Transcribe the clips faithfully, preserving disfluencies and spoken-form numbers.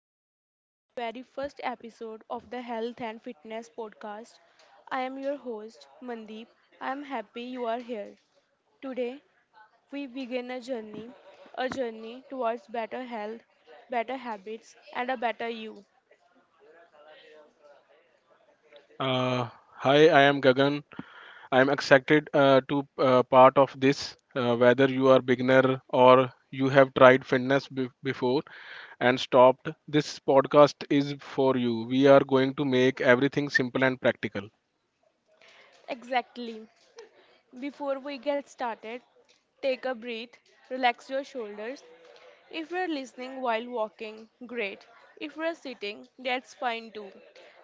and welcome to the very first episode of the Health and Fitness Podcast. I am your host, Mandeep. I am happy you are here. Today, we begin a journey, a journey towards better health, better habits, and a better you. Uh, Hi, I am Gagan. I am excited uh, to uh, part of this. Uh, whether you are beginner or you have tried fitness be- before and stopped, this podcast is for you. We are going to make everything simple and practical. Exactly. Before we get started, take a breath, relax your shoulders. If we're listening while walking, great. If we're sitting, that's fine too.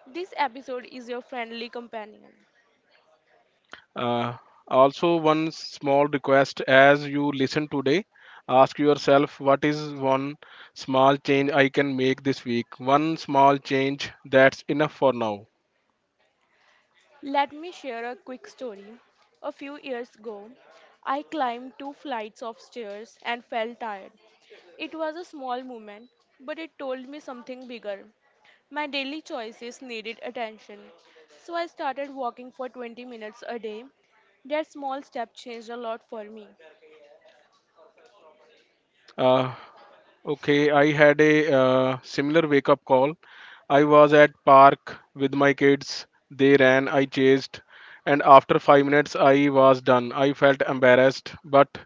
This episode is your friendly companion. Uh, Also, one small request as you listen today, ask yourself what is one small change I can make this week. One small change that's enough for now. Let me share a quick story. A few years ago, I climbed two flights of stairs and felt tired. It was a small moment, but it told me something bigger. My daily choices needed attention. So I started walking for twenty minutes a day. That small step changed a lot for me. Uh, Okay, I had a uh, similar wake up call. I was at park with my kids. They ran, I chased, and after five minutes I was done. I felt embarrassed but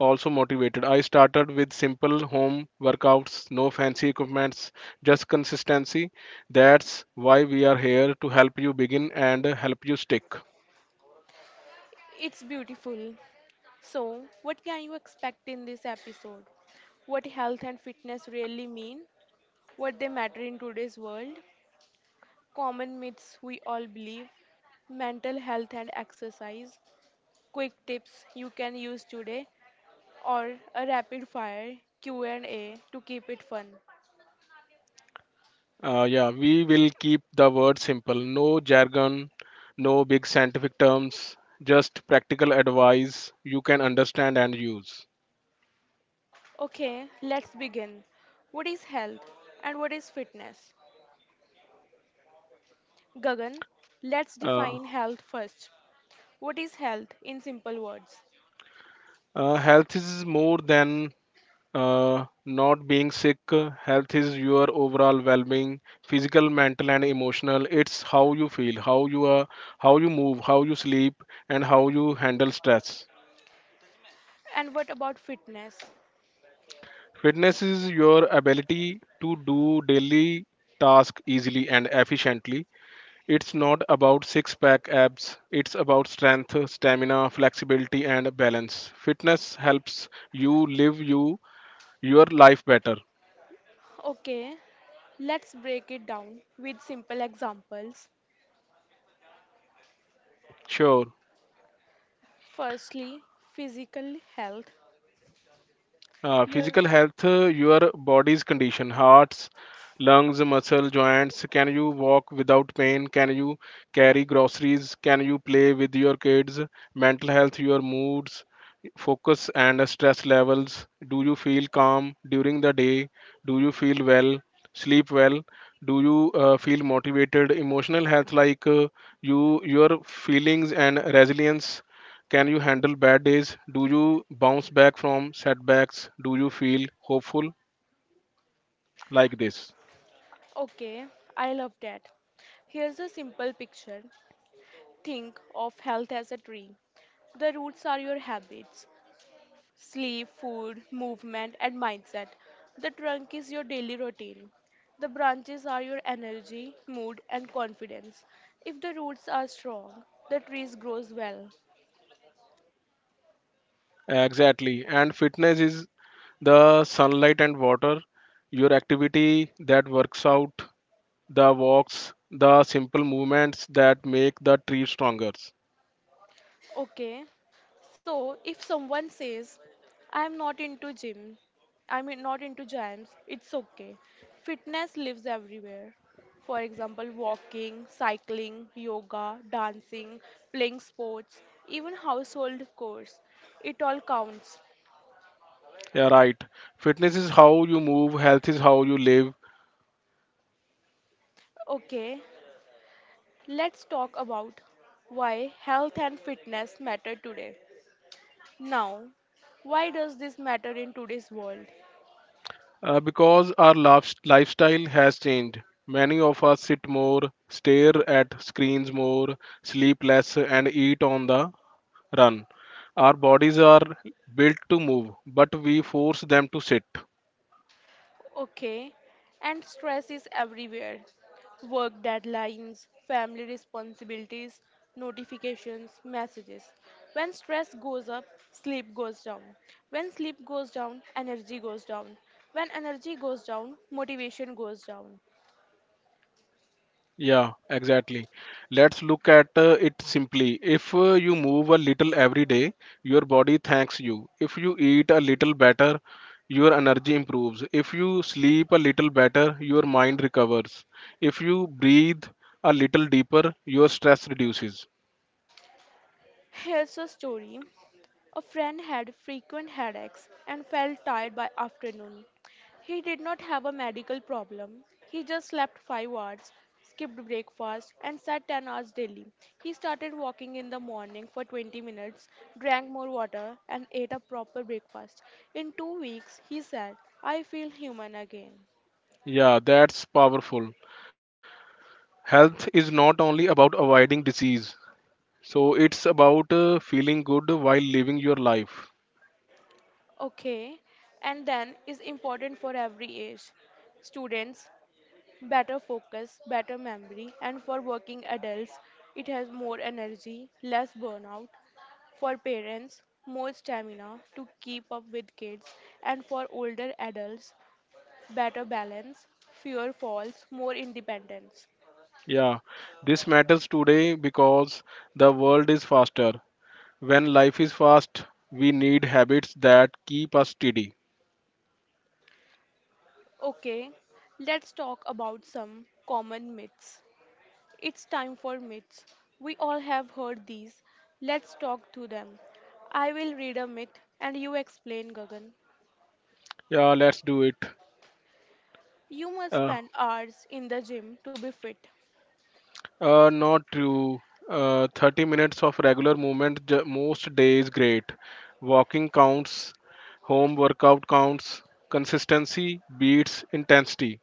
also motivated. I started with simple home workouts, no fancy equipments, just consistency. That's why we are here to help you begin and help you stick. It's beautiful. So, what can you expect in this episode? What health and fitness really mean? What they matter in today's world? Common myths we all believe? Mental health and exercise? Quick tips you can use today? Or a rapid fire Q and A to keep it fun? Uh, yeah, we will keep the word simple. No jargon, no big scientific terms, just practical advice you can understand and use. Okay, let's begin. What is health and what is fitness? Gagan, let's Uh, define health first. What is health in simple words? Uh, health is more than uh, not being sick. Health is your overall well-being, physical, mental, and emotional. It's how you feel, how you are, how you move, how you sleep, and how you handle stress. And what about fitness? Fitness is your ability to do daily tasks easily and efficiently. It's not about six pack abs, it's about strength, stamina, flexibility, and balance. Fitness helps you live you, your life better. Okay, let's break it down with simple examples. Sure. Firstly, physical health. Uh, Your Physical health, uh, your body's condition, hearts, lungs, muscle, joints. Can you walk without pain? Can you carry groceries? Can you play with your kids? Mental health, your moods, focus, and stress levels. Do you feel calm during the day? Do you feel well? Sleep well? Do you uh, feel motivated? Emotional health, like uh, you, your feelings and resilience. Can you handle bad days? Do you bounce back from setbacks? Do you feel hopeful like this? okay, I love that. Here's a simple picture. Think of health as a tree. The roots are your habits, sleep, food, movement, and mindset. The trunk is your daily routine. The branches are your energy, mood, and confidence. If the roots are strong, the trees grows well. Exactly. And fitness is the sunlight and water, your activity that works out, the walks, the simple movements that make the tree stronger. Okay, so if someone says, I am not into gym, I'm not into gyms, it's okay. Fitness lives everywhere. For example, walking, cycling, yoga, dancing, playing sports, even household chores. It all counts. Yeah, right. Fitness is how you move, health is how you live. Okay, let's talk about why health and fitness matter today. Now, why does this matter in today's world? Uh, because our lif- lifestyle has changed. Many of us sit more, stare at screens more, sleep less, and eat on the run. Our bodies are built to move, but we force them to sit. Okay. And stress is everywhere: work deadlines, family responsibilities, notifications, messages. When stress goes up, sleep goes down. When sleep goes down, energy goes down. When energy goes down, motivation goes down. Yeah, exactly. Let's look at uh, it simply. If uh, you move a little every day, your body thanks you. If you eat a little better, your energy improves. If you sleep a little better, your mind recovers. If you breathe a little deeper, your stress reduces. Here's a story. A friend had frequent headaches and felt tired by afternoon. He did not have a medical problem. He just slept five hours, skipped breakfast and sat ten hours daily. He started walking in the morning for twenty minutes, drank more water and ate a proper breakfast. In two weeks, he said, "I feel human again." Yeah, that's powerful. Health is not only about avoiding disease, so it's about uh, feeling good while living your life. Okay, and then is important for every age. Students, better focus, better memory, and for working adults, it has more energy, less burnout. For parents, more stamina to keep up with kids, and for older adults, better balance, fewer falls, more independence. Yeah, this matters today because the world is faster. When life is fast, we need habits that keep us steady. Okay, let's talk about some common myths. It's time for myths. We all have heard these. Let's talk to them. I will read a myth and you explain, Gagan. Yeah, let's do it. You must Uh, spend hours in the gym to be fit. Uh, not true. Uh, thirty minutes of regular movement ju- most days great. Walking counts, home workout counts, consistency beats intensity.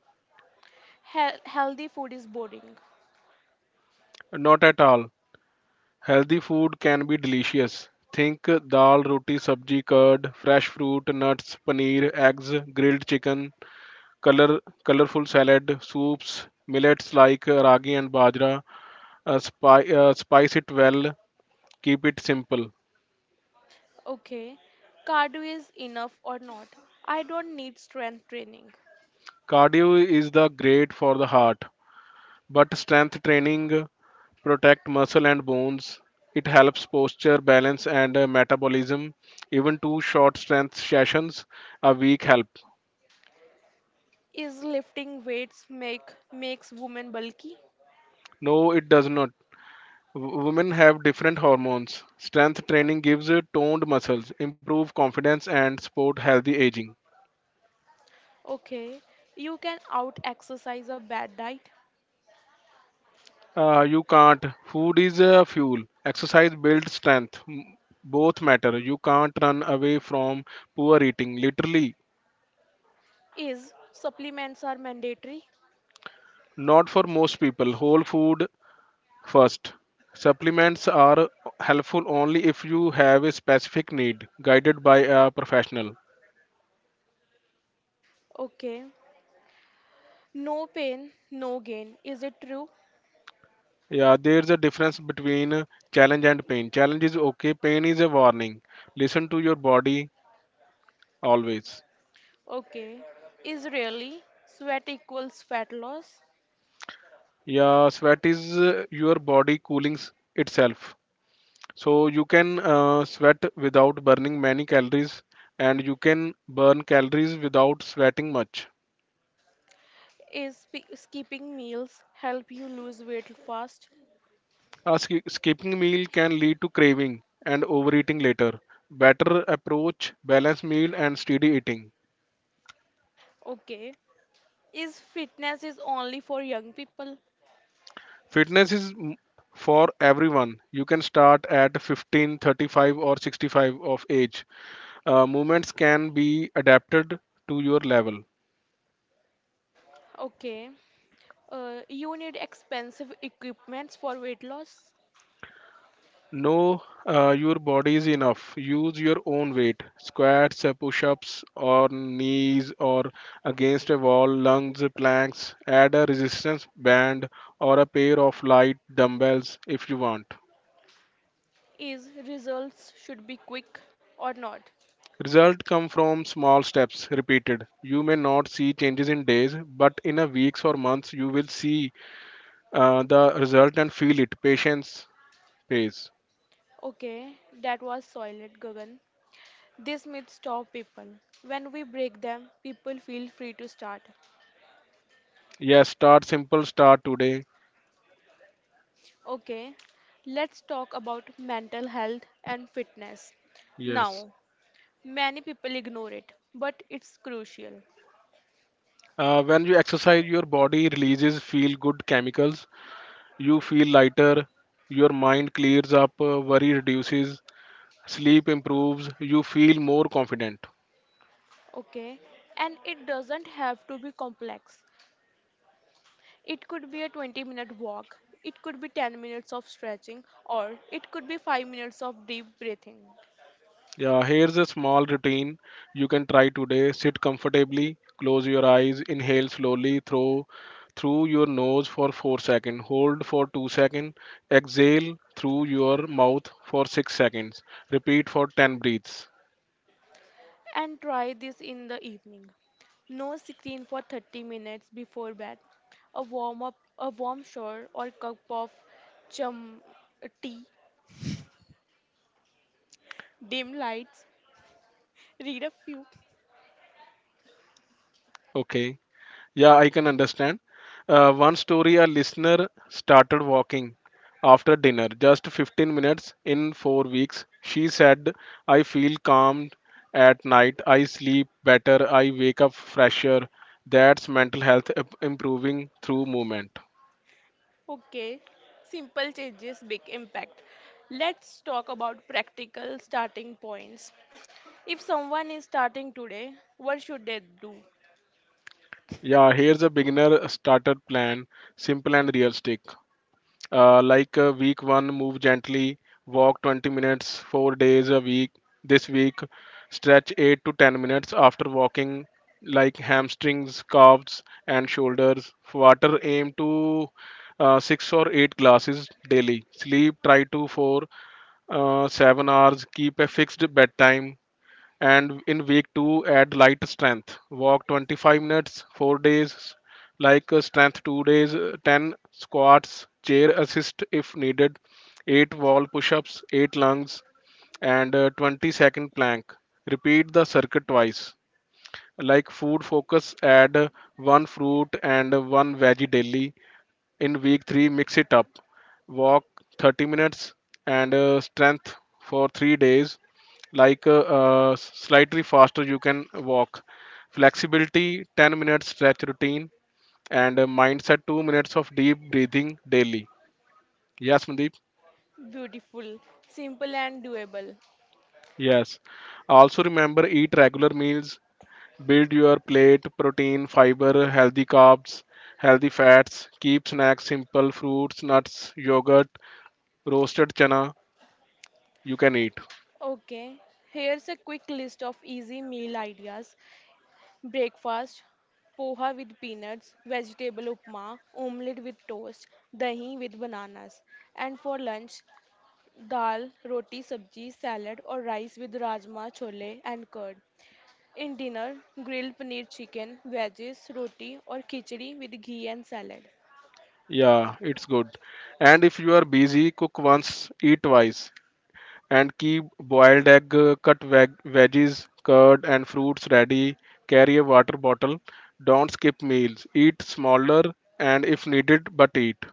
Hel- healthy food is boring. Not at all. Healthy food can be delicious. Think dal, roti, sabji, curd, fresh fruit, nuts, paneer, eggs, grilled chicken, color, colorful salad, soups, millets like ragi and bajra. Uh, spi- uh, spice it well, keep it simple. Okay. Cardio is enough or not? I don't need strength training. Cardio is the great for the heart, but strength training protect muscle and bones. It helps posture, balance, and uh, metabolism. Even two short strength sessions a week help. Is lifting weights make makes women bulky? No, it does not. W- women have different hormones. Strength training gives uh, toned muscles, improve confidence, and support healthy aging. Okay. You can out exercise a bad diet. Uh, you can't. Food is uh, fuel. Exercise builds strength. M- Both matter. You can't run away from poor eating. Literally. Is supplements are mandatory? Not for most people. Whole food first. Supplements are helpful only if you have a specific need, guided by a professional. Okay. No pain, no gain. Is it true? Yeah, there's a difference between challenge and pain. Challenge is okay, pain is a warning. Listen to your body always. Okay. Is really sweat equals fat loss? Yeah, sweat is uh, your body cooling s- itself. So you can uh, sweat without burning many calories, and you can burn calories without sweating much. Is sp- skipping meals help you lose weight fast? Uh, sk- skipping meal can lead to craving and overeating later. Better approach balanced meal and steady eating. Okay. Is fitness is only for young people? Fitness is m- for everyone. You can start at fifteen, thirty-five, or sixty-five of age. Uh, movements can be adapted to your level. Okay. Uh, you need expensive equipments for weight loss? Know uh, your body is enough. Use your own weight. Squats, uh, push-ups, or knees, or against a wall, lunges, planks. Add a resistance band or a pair of light dumbbells if you want. Is results should be quick or not? Results come from small steps repeated. You may not see changes in days, but in a weeks or months you will see uh, the result and feel it. Patience pays. Okay, that was solid, Gagan. This myth stop people. When we break them, people feel free to start. Yes, start simple, start today. Okay, let's talk about mental health and fitness. Yes. Now, many people ignore it, but it's crucial. Uh, when you exercise, your body releases feel good chemicals. You feel lighter. Your mind clears up. uh, Worry reduces. Sleep improves. You feel more confident. Okay, and it doesn't have to be complex. It could be a twenty minute walk, it could be ten minutes of stretching, or it could be five minutes of deep breathing. Yeah, here's a small routine you can try today. Sit comfortably, close your eyes, inhale slowly through through your nose for four seconds, hold for two seconds, exhale through your mouth for six seconds. Repeat for ten breaths. And try this in the evening. No screen for thirty minutes before bed. A warm up, a warm shower or cup of chum tea, dim lights, read a few. Okay. Yeah, I can understand. Uh, one story, a listener started walking after dinner, just fifteen minutes in four weeks. She said, "I feel calm at night, I sleep better, I wake up fresher." That's mental health im- improving through movement. Okay, simple changes, big impact. Let's talk about practical starting points. If someone is starting today, what should they do? Yeah, here's a beginner starter plan, simple and realistic. Uh, like, uh, week one, move gently, walk twenty minutes, four days a week. This week, stretch eight to ten minutes after walking, like hamstrings, calves, and shoulders. Water, aim to uh, six or eight glasses daily. Sleep, try to four uh, seven hours. Keep a fixed bedtime. And in week two, add light strength. Walk twenty-five minutes, four days. Like, uh, strength two days, uh, ten squats, chair assist if needed, eight wall push-ups, eight lunges, and uh, twenty second plank. Repeat the circuit twice. Like, food focus, add uh, one fruit and uh, one veggie daily. In week three, mix it up. Walk thirty minutes and uh, strength for three days. Like, uh, uh, slightly faster, you can walk. Flexibility, ten minutes stretch routine. And uh, mindset, two minutes of deep breathing daily. Yes, Mandeep? Beautiful, simple, and doable. Yes. Also remember, eat regular meals, build your plate, protein, fiber, healthy carbs, healthy fats. Keep snacks simple, fruits, nuts, yogurt, roasted chana, you can eat. Okay, here's a quick list of easy meal ideas: breakfast, poha with peanuts, vegetable upma, omelette with toast, dahi with bananas, and for lunch, dal, roti, sabji, salad, or rice with rajma, chole, and curd. In dinner, grilled paneer chicken, veggies, roti or khichdi with ghee and salad. Yeah, it's good. And if you are busy, cook once, eat twice, and keep boiled egg, uh, cut veg- veggies, curd, and fruits ready. Carry a water bottle. Don't skip meals. Eat smaller and if needed, but eat.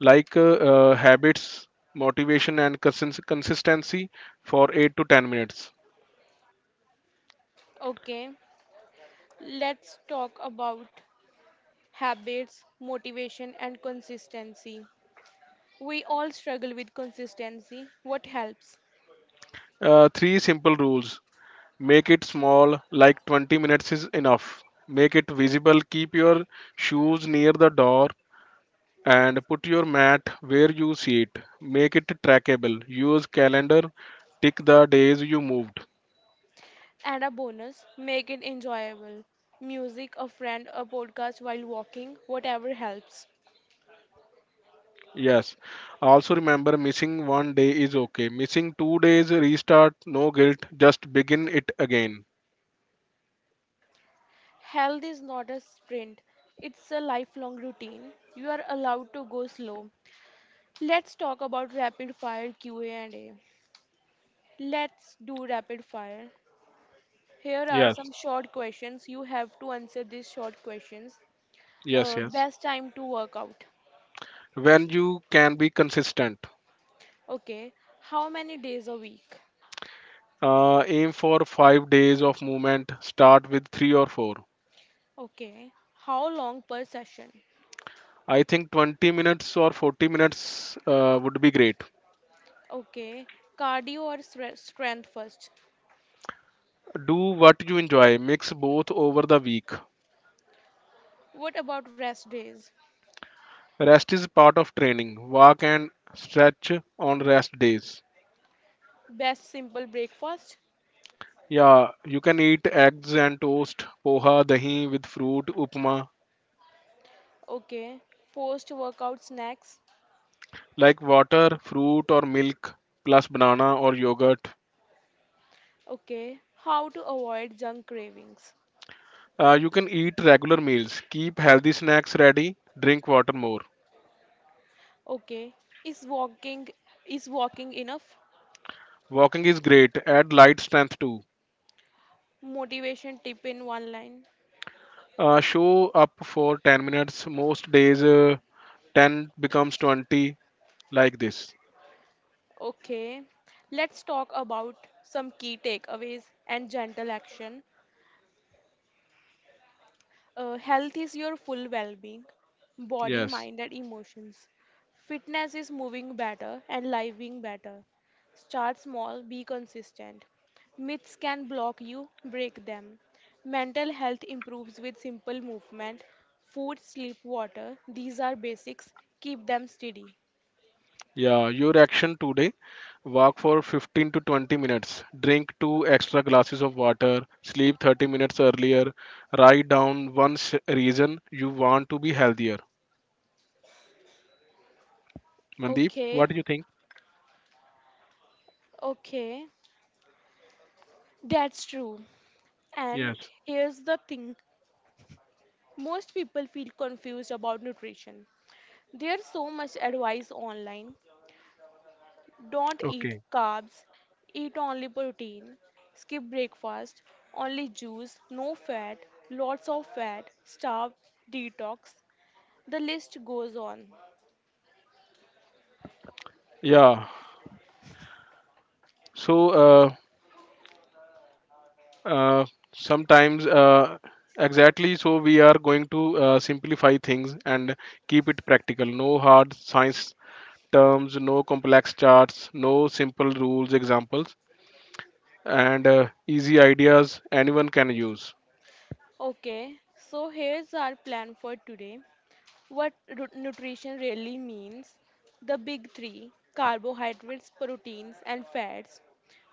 Like, uh, uh, habits, motivation, and consist- consistency for eight to ten minutes. Okay, let's talk about habits, motivation, and consistency. We all struggle with consistency. What helps? Uh, three simple rules: make it small, like twenty minutes is enough. Make it visible, keep your shoes near the door and put your mat where you see it. Make it trackable. Use calendar, tick the days you moved. Add a bonus, make it enjoyable. Music, a friend, a podcast while walking, whatever helps. Yes. Also remember, missing one day is okay. Missing two days, restart, no guilt, just begin it again. Health is not a sprint, it's a lifelong routine. You are allowed to go slow. Let's talk about rapid fire Q A and A. Let's do rapid fire. Here are Yes. some short questions. You have to answer these short questions. Yes, Uh, yes. best time to work out. When you can be consistent. Okay. How many days a week? Uh, aim for five days of movement. Start with three or four. Okay. How long per session? I think twenty minutes or forty minutes uh, would be great. Okay. Cardio or stre- strength first? Do what you enjoy. Mix both over the week. What about rest days? Rest is part of training. Walk and stretch on rest days. Best simple breakfast? Yeah, you can eat eggs and toast, poha, dahi with fruit, upma, Okay. Post workout snacks? like water, fruit or milk, plus banana or yogurt. Okay. How to avoid junk cravings? Uh, you can eat regular meals. Keep healthy snacks ready. Drink water more. Okay. Is walking is walking enough? Walking is great. Add light strength too. Motivation tip in one line. Uh, show up for ten minutes. Most days, uh, ten becomes twenty, like this. Okay, let's talk about some key takeaways and gentle action. Uh, health is your full well being, body, Yes. mind, and emotions. Fitness is moving better and living better. Start small, be consistent. Myths can block you, break them. Mental health improves with simple movement. Food, sleep, water, these are basics. Keep them steady. Yeah, your action today: walk for fifteen to twenty minutes, drink two extra glasses of water, sleep thirty minutes earlier, write down one s- reason you want to be healthier. Mandeep, what Okay, do you think? okay. That's true. And Yes. here's the thing, most people feel confused about nutrition. There's so much advice online. Don't eat Okay. carbs, eat only protein, skip breakfast, only juice, no fat, lots of fat, starve, detox. The list goes on. Yeah. So uh, uh, sometimes, uh, exactly, so we are going to uh, simplify things and keep it practical. No hard science terms, no complex charts, no simple rules examples. And uh, easy ideas anyone can use. Okay, so here's our plan for today: what ru- nutrition really means, the big three carbohydrates, proteins, and fats,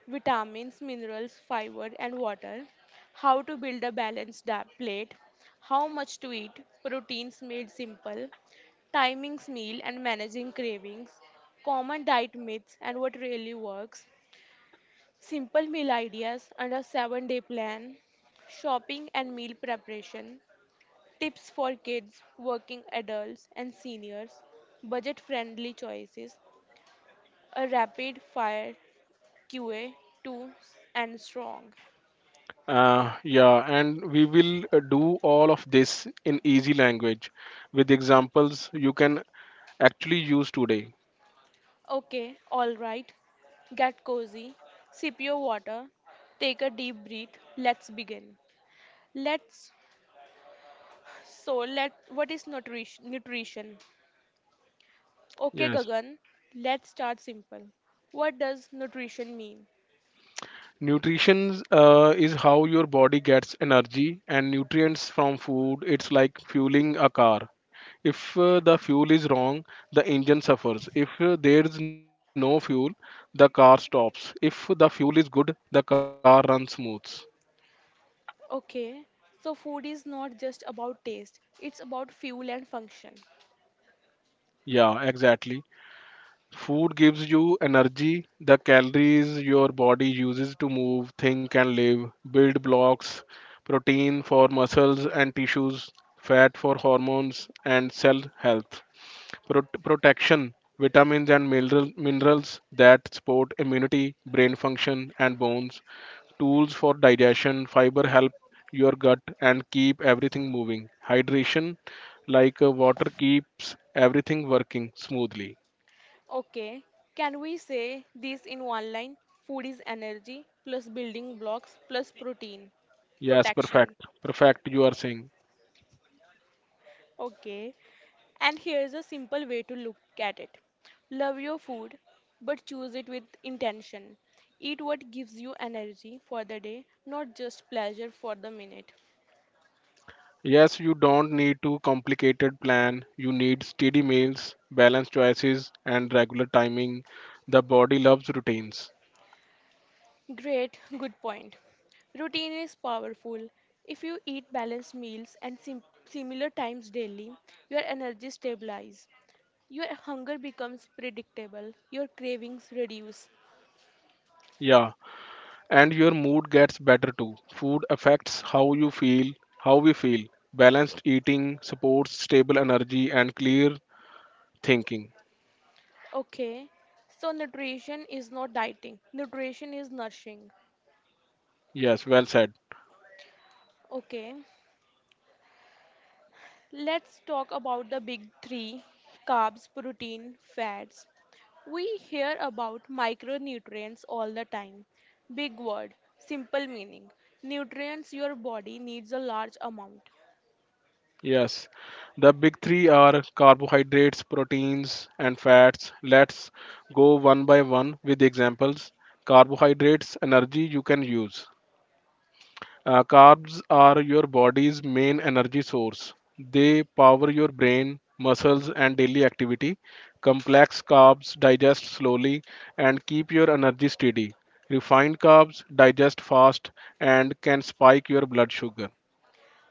vitamins, minerals, fiber, and water, how to build a balanced da- plate, how much to eat, proteins made simple, timings meal and managing cravings, common diet myths and what really works, simple meal ideas and a seven day plan, shopping and meal preparation, tips for kids, working adults, and seniors. Budget friendly choices. A rapid fire Q A two and strong. Uh, yeah, and we will uh, do all of this in easy language with examples you can actually use today. Okay, alright. Get cozy. Sip your water. Take a deep breath. Let's begin. Let's. So, let. What is nutrition? nutrition? Okay, Yes. Gagan. Let's start simple. What does nutrition mean? Nutrition uh, is how your body gets energy and nutrients from food. It's like fueling a car. If uh, the fuel is wrong, the engine suffers. If uh, there is no fuel, the car stops. If the fuel is good, the car runs smooth. Okay, so food is not just about taste, it's about fuel and function. Yeah, exactly. Food gives you energy, the calories your body uses to move, think, and live, build blocks, protein for muscles and tissues, fat for hormones and cell health, Pro- protection, vitamins and mineral- minerals that support immunity, brain function, and bones, tools for digestion, fiber help your gut and keep everything moving, hydration, like uh, water, keeps everything working smoothly. Okay, can we say this in one line? Food is energy plus building blocks plus protein Yes, protection. perfect. Perfect, you are saying. Okay, and here's a simple way to look at it: love your food, but choose it with intention. Eat what gives you energy for the day, not just pleasure for the minute. Yes, you don't need too complicated plan. You need steady meals, balanced choices, and regular timing. The body loves routines. Great, good point. Routine is powerful. If you eat balanced meals and sim- similar times daily, your energy stabilizes. Your hunger becomes predictable, your cravings reduce. Yeah, and your mood gets better too. Food affects how you feel, how we feel. Balanced eating supports stable energy and clear thinking. Okay, so nutrition is not dieting, nutrition is nourishing. Yes, well said. Okay, let's talk about the big three: carbs, protein, fats. We hear about micronutrients all the time. Big word, simple meaning. Nutrients your body needs a large amount. Yes, the big three are carbohydrates, proteins, and fats. Let's go one by one with examples. Carbohydrates, energy you can use. Uh, carbs are your body's main energy source. They power your brain, muscles, and daily activity. Complex carbs digest slowly and keep your energy steady. Refined carbs digest fast and can spike your blood sugar.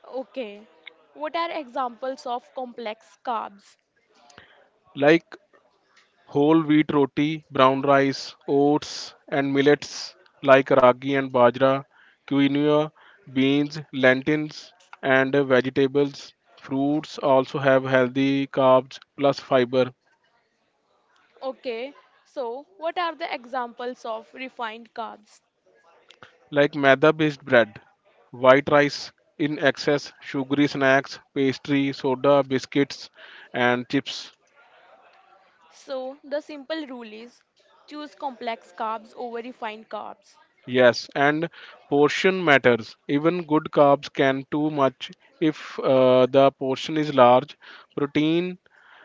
Okay, what are examples of complex carbs? Like whole wheat roti, brown rice, oats, and millets like ragi and bajra, quinoa, beans, lentils, and vegetables. Fruits also have healthy carbs plus fiber, Okay, so what are the examples of refined carbs? like maida based bread, white rice in excess, sugary snacks, pastry, soda, biscuits, and chips. So the simple rule is choose complex carbs over refined carbs. Yes, and portion matters. Even good carbs can too much if uh, the portion is large. Protein,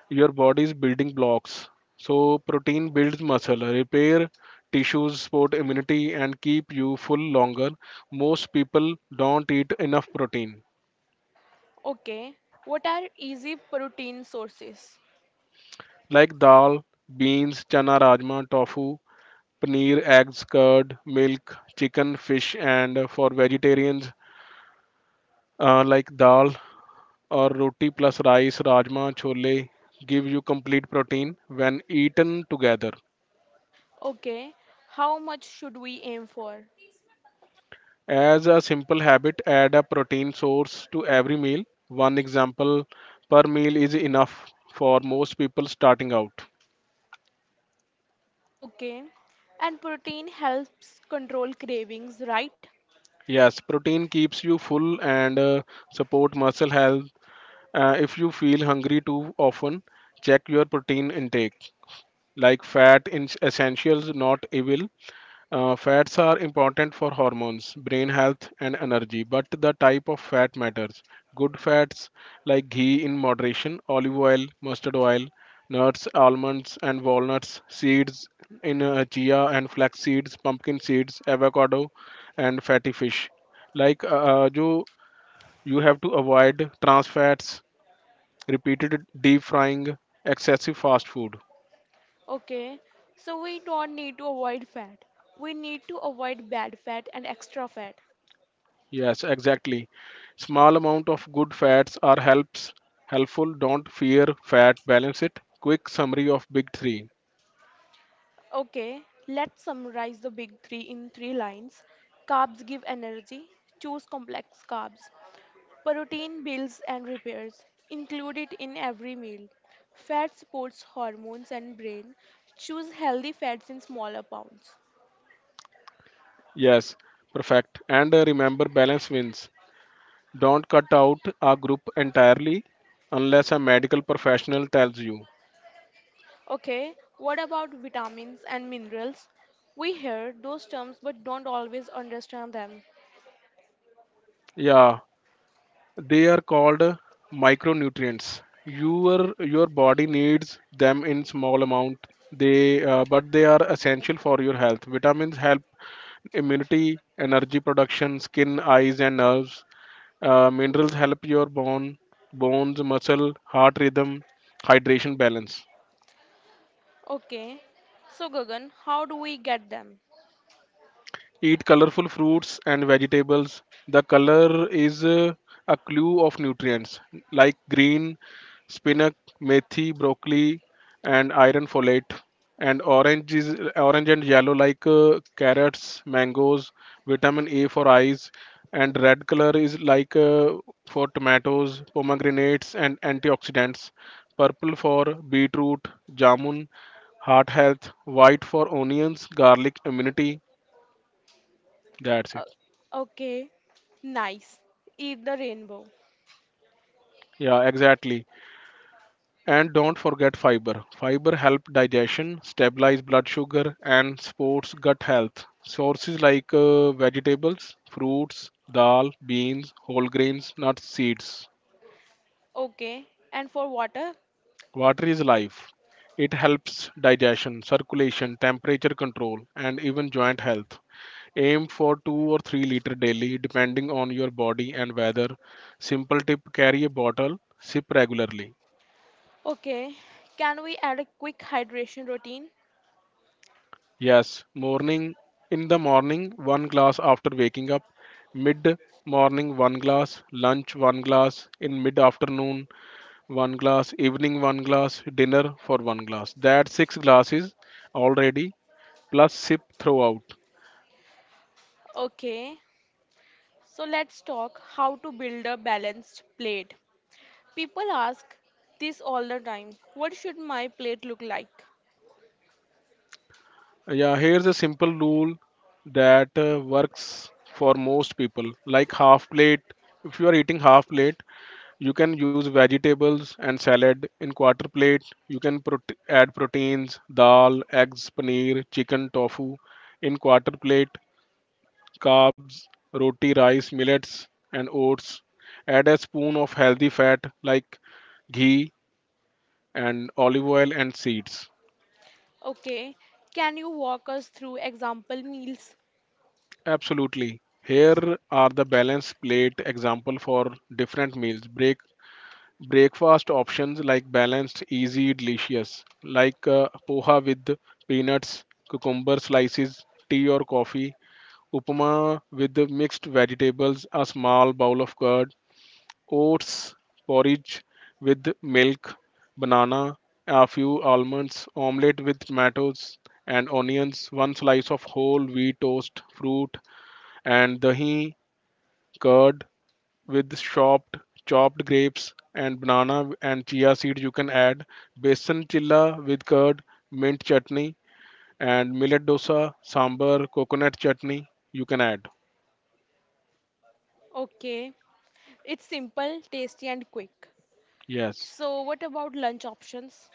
your body's building blocks. So protein builds muscle, repair tissues, support immunity, and keep you full longer. Most people don't eat enough protein, Okay, what are easy protein sources? like dal, beans, chana, rajma, tofu, paneer, eggs, curd, milk, chicken, fish, and for vegetarians uh, like dal, or roti plus rice, rajma, chole give you complete protein when eaten together. Okay, how much should we aim for? As a simple habit, add a protein source to every meal. One example per meal is enough for most people starting out. Okay, and protein helps control cravings, right? Yes, protein keeps you full and uh, support muscle health. Uh, if you feel hungry too often, check your protein intake. Like fat in essentials, not evil. Uh, fats are important for hormones, brain health, and energy, but the type of fat matters. Good fats like ghee in moderation, olive oil, mustard oil, nuts, almonds, and walnuts, seeds in uh, chia and flax seeds, pumpkin seeds, avocado, and fatty fish. Like uh, you, you have to avoid trans fats, repeated deep frying, excessive fast food. Okay, so we don't need to avoid fat. We need to avoid bad fat and extra fat. Yes, exactly. Small amount of good fats are helps helpful. Don't fear fat. Balance it. Quick summary of big three. Okay, let's summarize the big three in three lines. Carbs give energy, choose complex carbs. Protein builds and repairs, include it in every meal. Fat supports hormones and brain, choose healthy fats in smaller pounds. Yes, perfect. And uh, remember, balance wins. Don't cut out a group entirely unless a medical professional tells you. Okay, what about vitamins and minerals? We hear those terms but don't always understand them. Yeah, they are called uh, micronutrients. Your your body needs them in small amount. They uh, but they are essential for your health. Vitamins help immunity, energy production, skin, eyes, and nerves. Uh, minerals help your bone, bones, muscle, heart rhythm, hydration balance. Okay, so Gagan, how do we get them? Eat colorful fruits and vegetables. The color is uh, a clue of nutrients like green, spinach, methi, broccoli, and iron folate. And orange is orange and yellow like uh, carrots, mangoes, vitamin A for eyes, and red color is like uh, for tomatoes, pomegranates, and antioxidants. Purple for beetroot, jamun, heart health. White for onions, garlic, immunity. That's Uh, it. okay, nice. Eat the rainbow. Yeah, exactly. And don't forget fiber. Fiber help digestion, stabilize blood sugar, and supports gut health. Sources like uh, vegetables, fruits, dal, beans, whole grains, nuts, seeds. Okay. And for water? Water is life. It helps digestion, circulation, temperature control, and even joint health. Aim for two or three liter daily depending on your body and weather. Simple tip, carry a bottle, sip regularly. Okay. Can we add a quick hydration routine? Yes, morning in the morning, one glass after waking up, mid morning, one glass, lunch, one glass, in mid afternoon, one glass, evening, one glass, dinner for one glass. That's six glasses already, plus sip throughout. Okay. So let's talk how to build a balanced plate. People ask this all the time. What should my plate look like? Yeah, here's a simple rule that uh, works for most people. Like half plate, if you are eating half plate, you can use vegetables and salad in quarter plate. You can prote- add proteins, dal, eggs, paneer, chicken, tofu in quarter plate, carbs, roti, rice, millets, and oats. Add a spoon of healthy fat like ghee and olive oil and seeds. Okay. Can you walk us through example meals? Absolutely. Here are the balance plate example for different meals. Break breakfast options like balanced, easy, delicious, like uh, poha with peanuts, cucumber slices, tea or coffee, upma with the mixed vegetables, a small bowl of curd, oats porridge with milk, banana, a few almonds, omelette with tomatoes and onions, one slice of whole wheat toast, fruit, and dahi, curd with chopped chopped grapes and banana and chia seeds you can add, besan chilla with curd, mint chutney and millet dosa, sambar, coconut chutney you can add. Okay. It's simple, tasty and quick. Yes. So what about lunch options?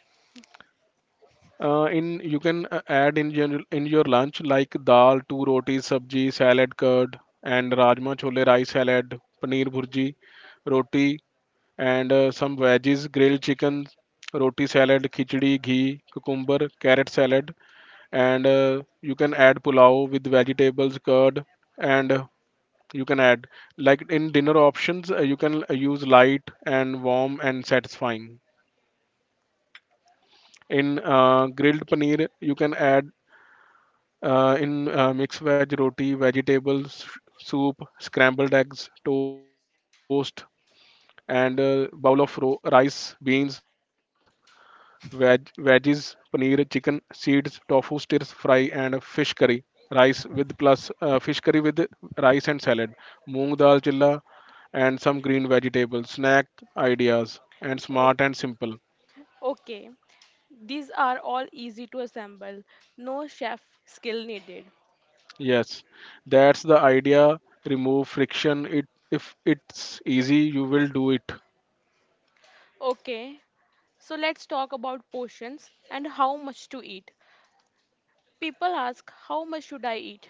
Uh, in you can uh, add in general in your lunch like dal, two rotis, sabji, salad, curd, and rajma, chole, rice salad, paneer bhurji, roti, and uh, some veggies, grilled chicken, roti salad, khichdi, ghee, cucumber, carrot salad, and uh, you can add pulao with vegetables, curd, and uh, you can add like in dinner options uh, you can uh, use light and warm and satisfying. In uh, grilled paneer, you can add uh, in uh, mixed veg roti, vegetables, soup, scrambled eggs, toast, and uh, bowl of ro- rice, beans, veg- veggies, paneer, chicken, seeds, tofu, stirs fry, and fish curry. Rice with plus uh, fish curry with rice and salad, moong dal chilla, and some green vegetables. Snack ideas and O- smart and simple. Okay. These are all easy to assemble. No chef skill needed. Yes, that's the idea. Remove friction. It if it's easy, you will do it. Okay, so let's talk about portions and how much to eat. People ask, how much should I eat?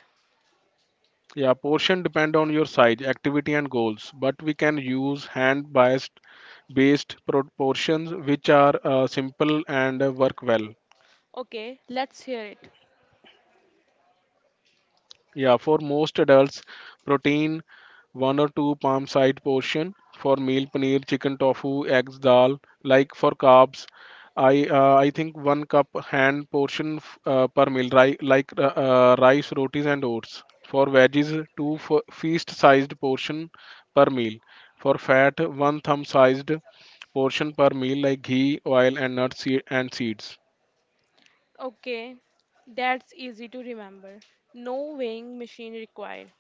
Yeah, portion depend on your size, activity, and goals. But we can use hand bias based proportions which are uh, simple and uh, work well. Okay, let's hear it. Yeah, for most adults, protein, one or two palm side portion for meal, paneer, chicken, tofu, eggs, dal. Like for carbs, i uh, i think one cup hand portion f- uh, per meal, ri- like uh, uh, rice, rotis, and oats. For veggies, two f- feast sized portion per meal. For fat, one thumb sized portion per meal, like ghee, oil, and nuts se- and seeds. Okay, that's easy to remember. No weighing machine required.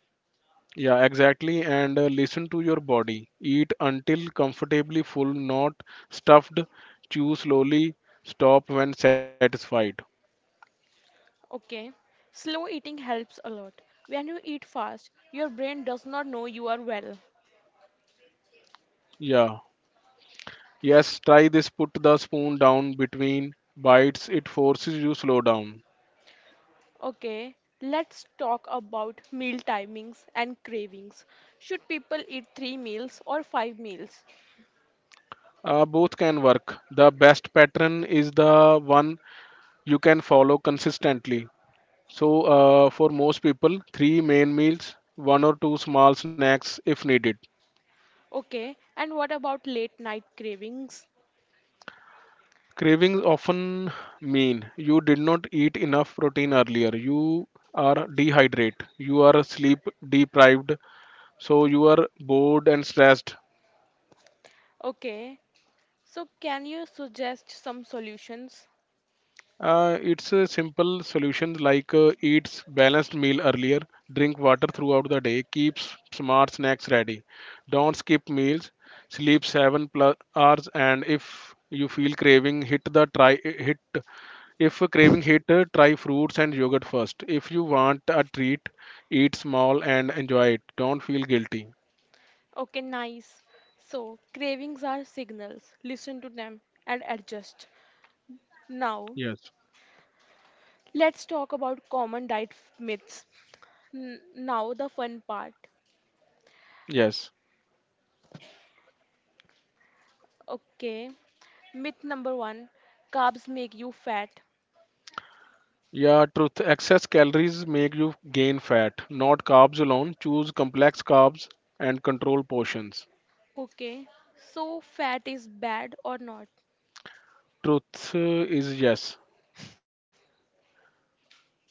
Yeah, exactly. And uh, listen to your body. Eat until comfortably full, not stuffed. Chew slowly. Stop when satisfied. Okay, slow eating helps a lot. When you eat fast, your brain does not know you are well. Yeah. Yes, try this. Put the spoon down between bites. It forces you slow down. Okay, let's talk about meal timings and cravings. Should people eat three meals or five meals? Uh, both can work. The best pattern is the one you can follow consistently. So, uh, for most people, three main meals, one or two small snacks if needed. Okay, and what about late night cravings? Cravings often mean you did not eat enough protein earlier. You are dehydrated. You are sleep deprived. So you are bored and stressed. Okay, so can you suggest some solutions? Uh, it's a simple solution like uh, eats balanced meal earlier, drink water throughout the day, keeps smart snacks ready, don't skip meals, sleep seven plus hours, and if you feel craving, hit the try hit. If a craving hit, uh, try fruits and yogurt first. If you want a treat, eat small and enjoy it. Don't feel guilty. Okay, nice. So, cravings are signals. Listen to them and adjust. Now, Yes. let's talk about common diet f- myths. N- now, the fun part. Yes. Okay, myth number one: carbs make you fat. Yeah, truth. Excess calories make you gain fat, not carbs alone. Choose complex carbs and control portions. Okay, so fat is bad or not? Truth uh, is yes,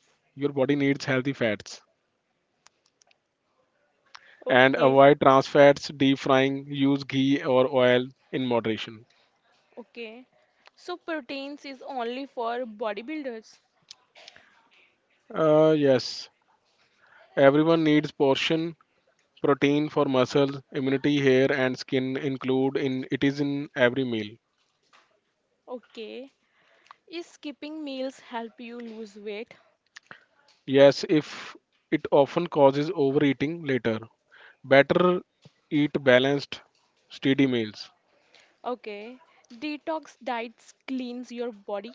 your body needs healthy fats and Okay, avoid trans fats, deep frying, use ghee or oil in moderation. okay. So proteins is only for bodybuilders. Uh, yes, everyone needs portion protein for muscles, immunity, hair, and skin include in it is in every meal. Okay. Is skipping meals help you lose weight? Yes, if it often causes overeating later. Better eat balanced, steady meals. Okay. Detox diets cleans your body.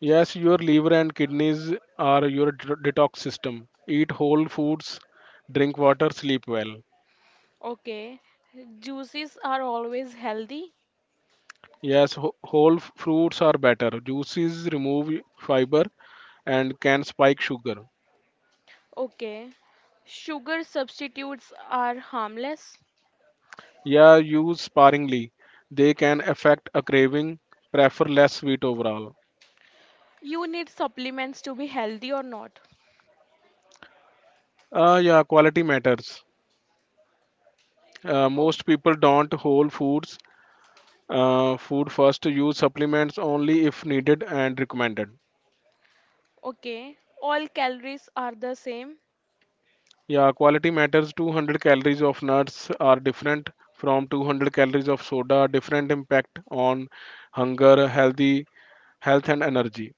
Yes, your liver and kidneys are your d- detox system. Eat whole foods, drink water, sleep well. Okay. Juices are always healthy. Yes, wh- whole f- fruits are better. Juices remove fiber and can spike sugar. Okay. Sugar substitutes are harmless. Yeah, use sparingly. They can affect a craving. Prefer less sweet overall. You need supplements to be healthy or not. Ah, yeah, quality matters. Uh, O- Most people don't whole foods uh, food first, use supplements only if needed and recommended. Okay. All calories are the same. Yeah, quality matters. two hundred calories of nuts are different from two hundred calories of soda, different impact on hunger, healthy health, and energy.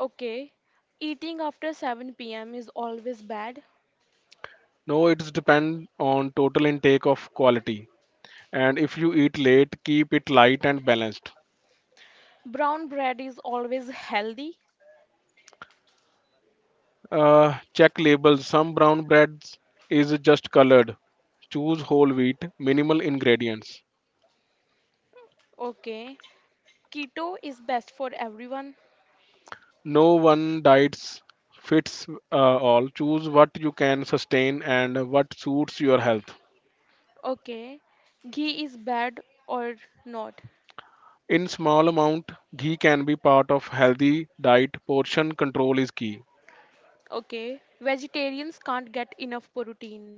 Okay. Eating after seven p m is always bad. No, it's depend on total intake of quality, and if you eat late keep it light and balanced. Brown bread is always healthy. Uh, check labels. Some brown breads is just colored. Choose whole wheat, minimal ingredients. Okay. Keto is best for everyone. No one diets fits uh, all. Choose what you can sustain and what suits your health. Okay. Ghee is bad or not. In small amount, ghee can be part of healthy diet. Portion control is key. Okay. Vegetarians can't get enough protein.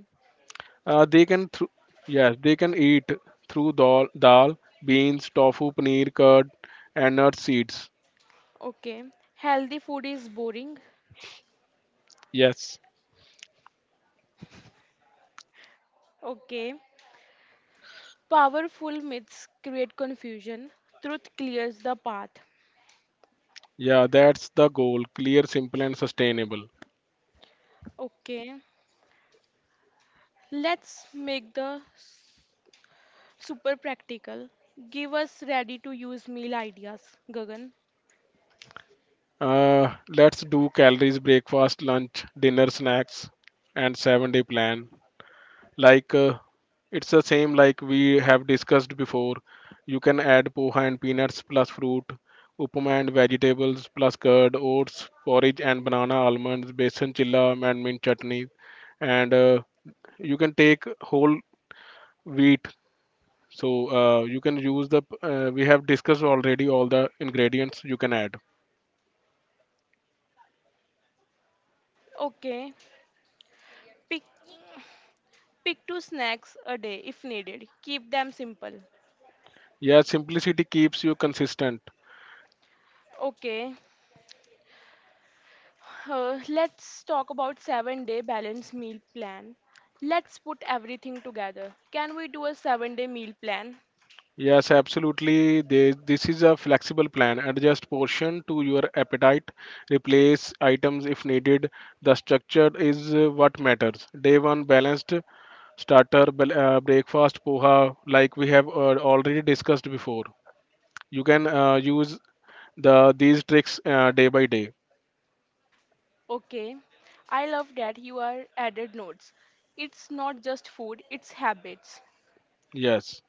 Uh, they can through yes, they can eat through dal, dal, beans, tofu, paneer, curd, and nut seeds. Okay. Healthy food is boring. Yes. Okay. Powerful myths create confusion. Truth clears the path. Yeah, that's the goal. Clear, simple, and sustainable. Okay. Let's make the s- super practical. Give us ready to use meal ideas, Gagan. Uh, let's do calories, breakfast, lunch, dinner, snacks, and seven day plan. Like uh, it's the same like we have discussed before. You can add poha and peanuts plus fruit, upama and vegetables plus curd, oats, porridge and banana, almonds, besan chilla and mint chutney, and uh, you can take whole wheat, so uh, you can use the uh, we have discussed already all the ingredients you can add. Okay. Pick Pick two snacks a day if needed. Keep them simple. Yeah, simplicity keeps you consistent. Okay, uh, let's talk about seven day balanced meal plan. Let's put everything together. Can we do a seven day meal plan? Yes, absolutely. They, this is a flexible plan. Adjust portion to your appetite, replace items if needed. The structure is uh, what matters. Day one balanced starter, bel- uh, breakfast poha, like we have uh, already discussed before. You can uh, use the these tricks uh, day by day. Okay, I love that you are added notes. It's not just food, it's habits. Yes.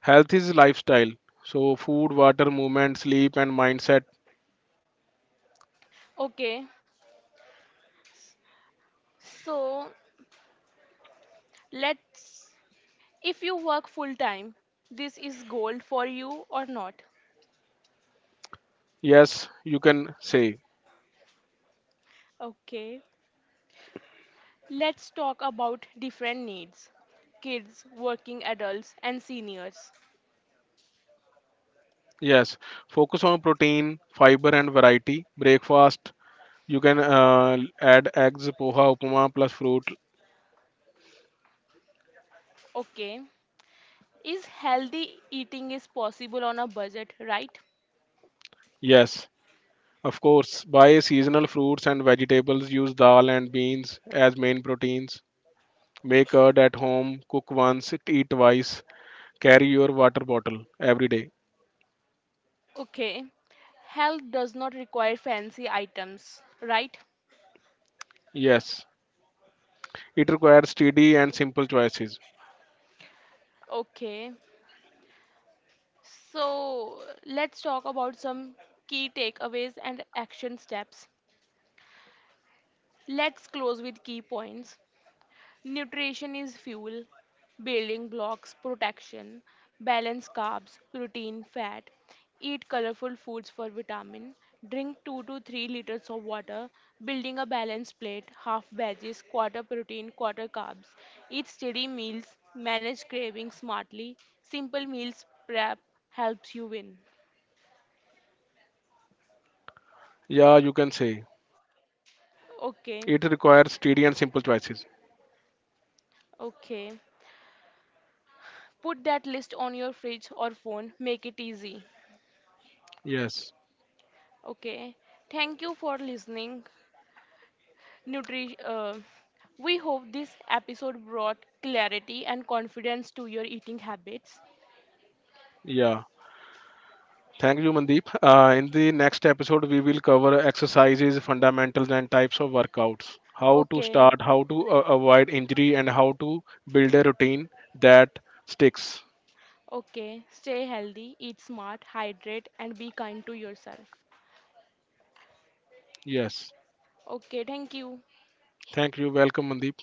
Health is lifestyle. So, food, water, movement, sleep, and mindset. Okay, so let's, if you work full time, this is gold for you or not. Yes, you can say. Okay, let's talk about different needs: kids, working adults, and seniors. Yes, focus on protein, fiber, and variety. Breakfast, you can uh, add eggs, poha, upma, plus fruit. Okay, is healthy eating is possible on a budget, right? Yes, of course. Buy seasonal fruits and vegetables. Use dal and beans as main proteins. Make curd at home. Cook once, eat twice. Carry your water bottle every day. Okay, health does not require fancy items, right? Yes, it requires steady and simple choices. Okay, so let's talk about some key takeaways and action steps. Let's close with key points. Nutrition is fuel, building blocks, protection, balance carbs, protein, fat. Eat colorful foods for vitamin. Drink two to three liters of water, building a balanced plate, half veggies, quarter protein, quarter carbs. Eat steady meals, manage cravings smartly. Simple meals prep helps you win. Yeah, you can say. It requires Okay, steady and simple choices. okay. Put that list on your fridge or phone, make it easy. Yes. Okay. Thank you for listening. Nutrition. Uh, we hope this episode brought clarity and confidence to your eating habits. Yeah. Thank you, Mandeep. Uh, in the next episode, we will cover exercises, fundamentals, and types of workouts. How to Okay, start, how to uh, avoid injury, and how to build a routine that sticks. okay. Stay healthy, eat smart, hydrate, and be kind to yourself. Yes. Okay, thank you. Thank you. Welcome, Mandeep.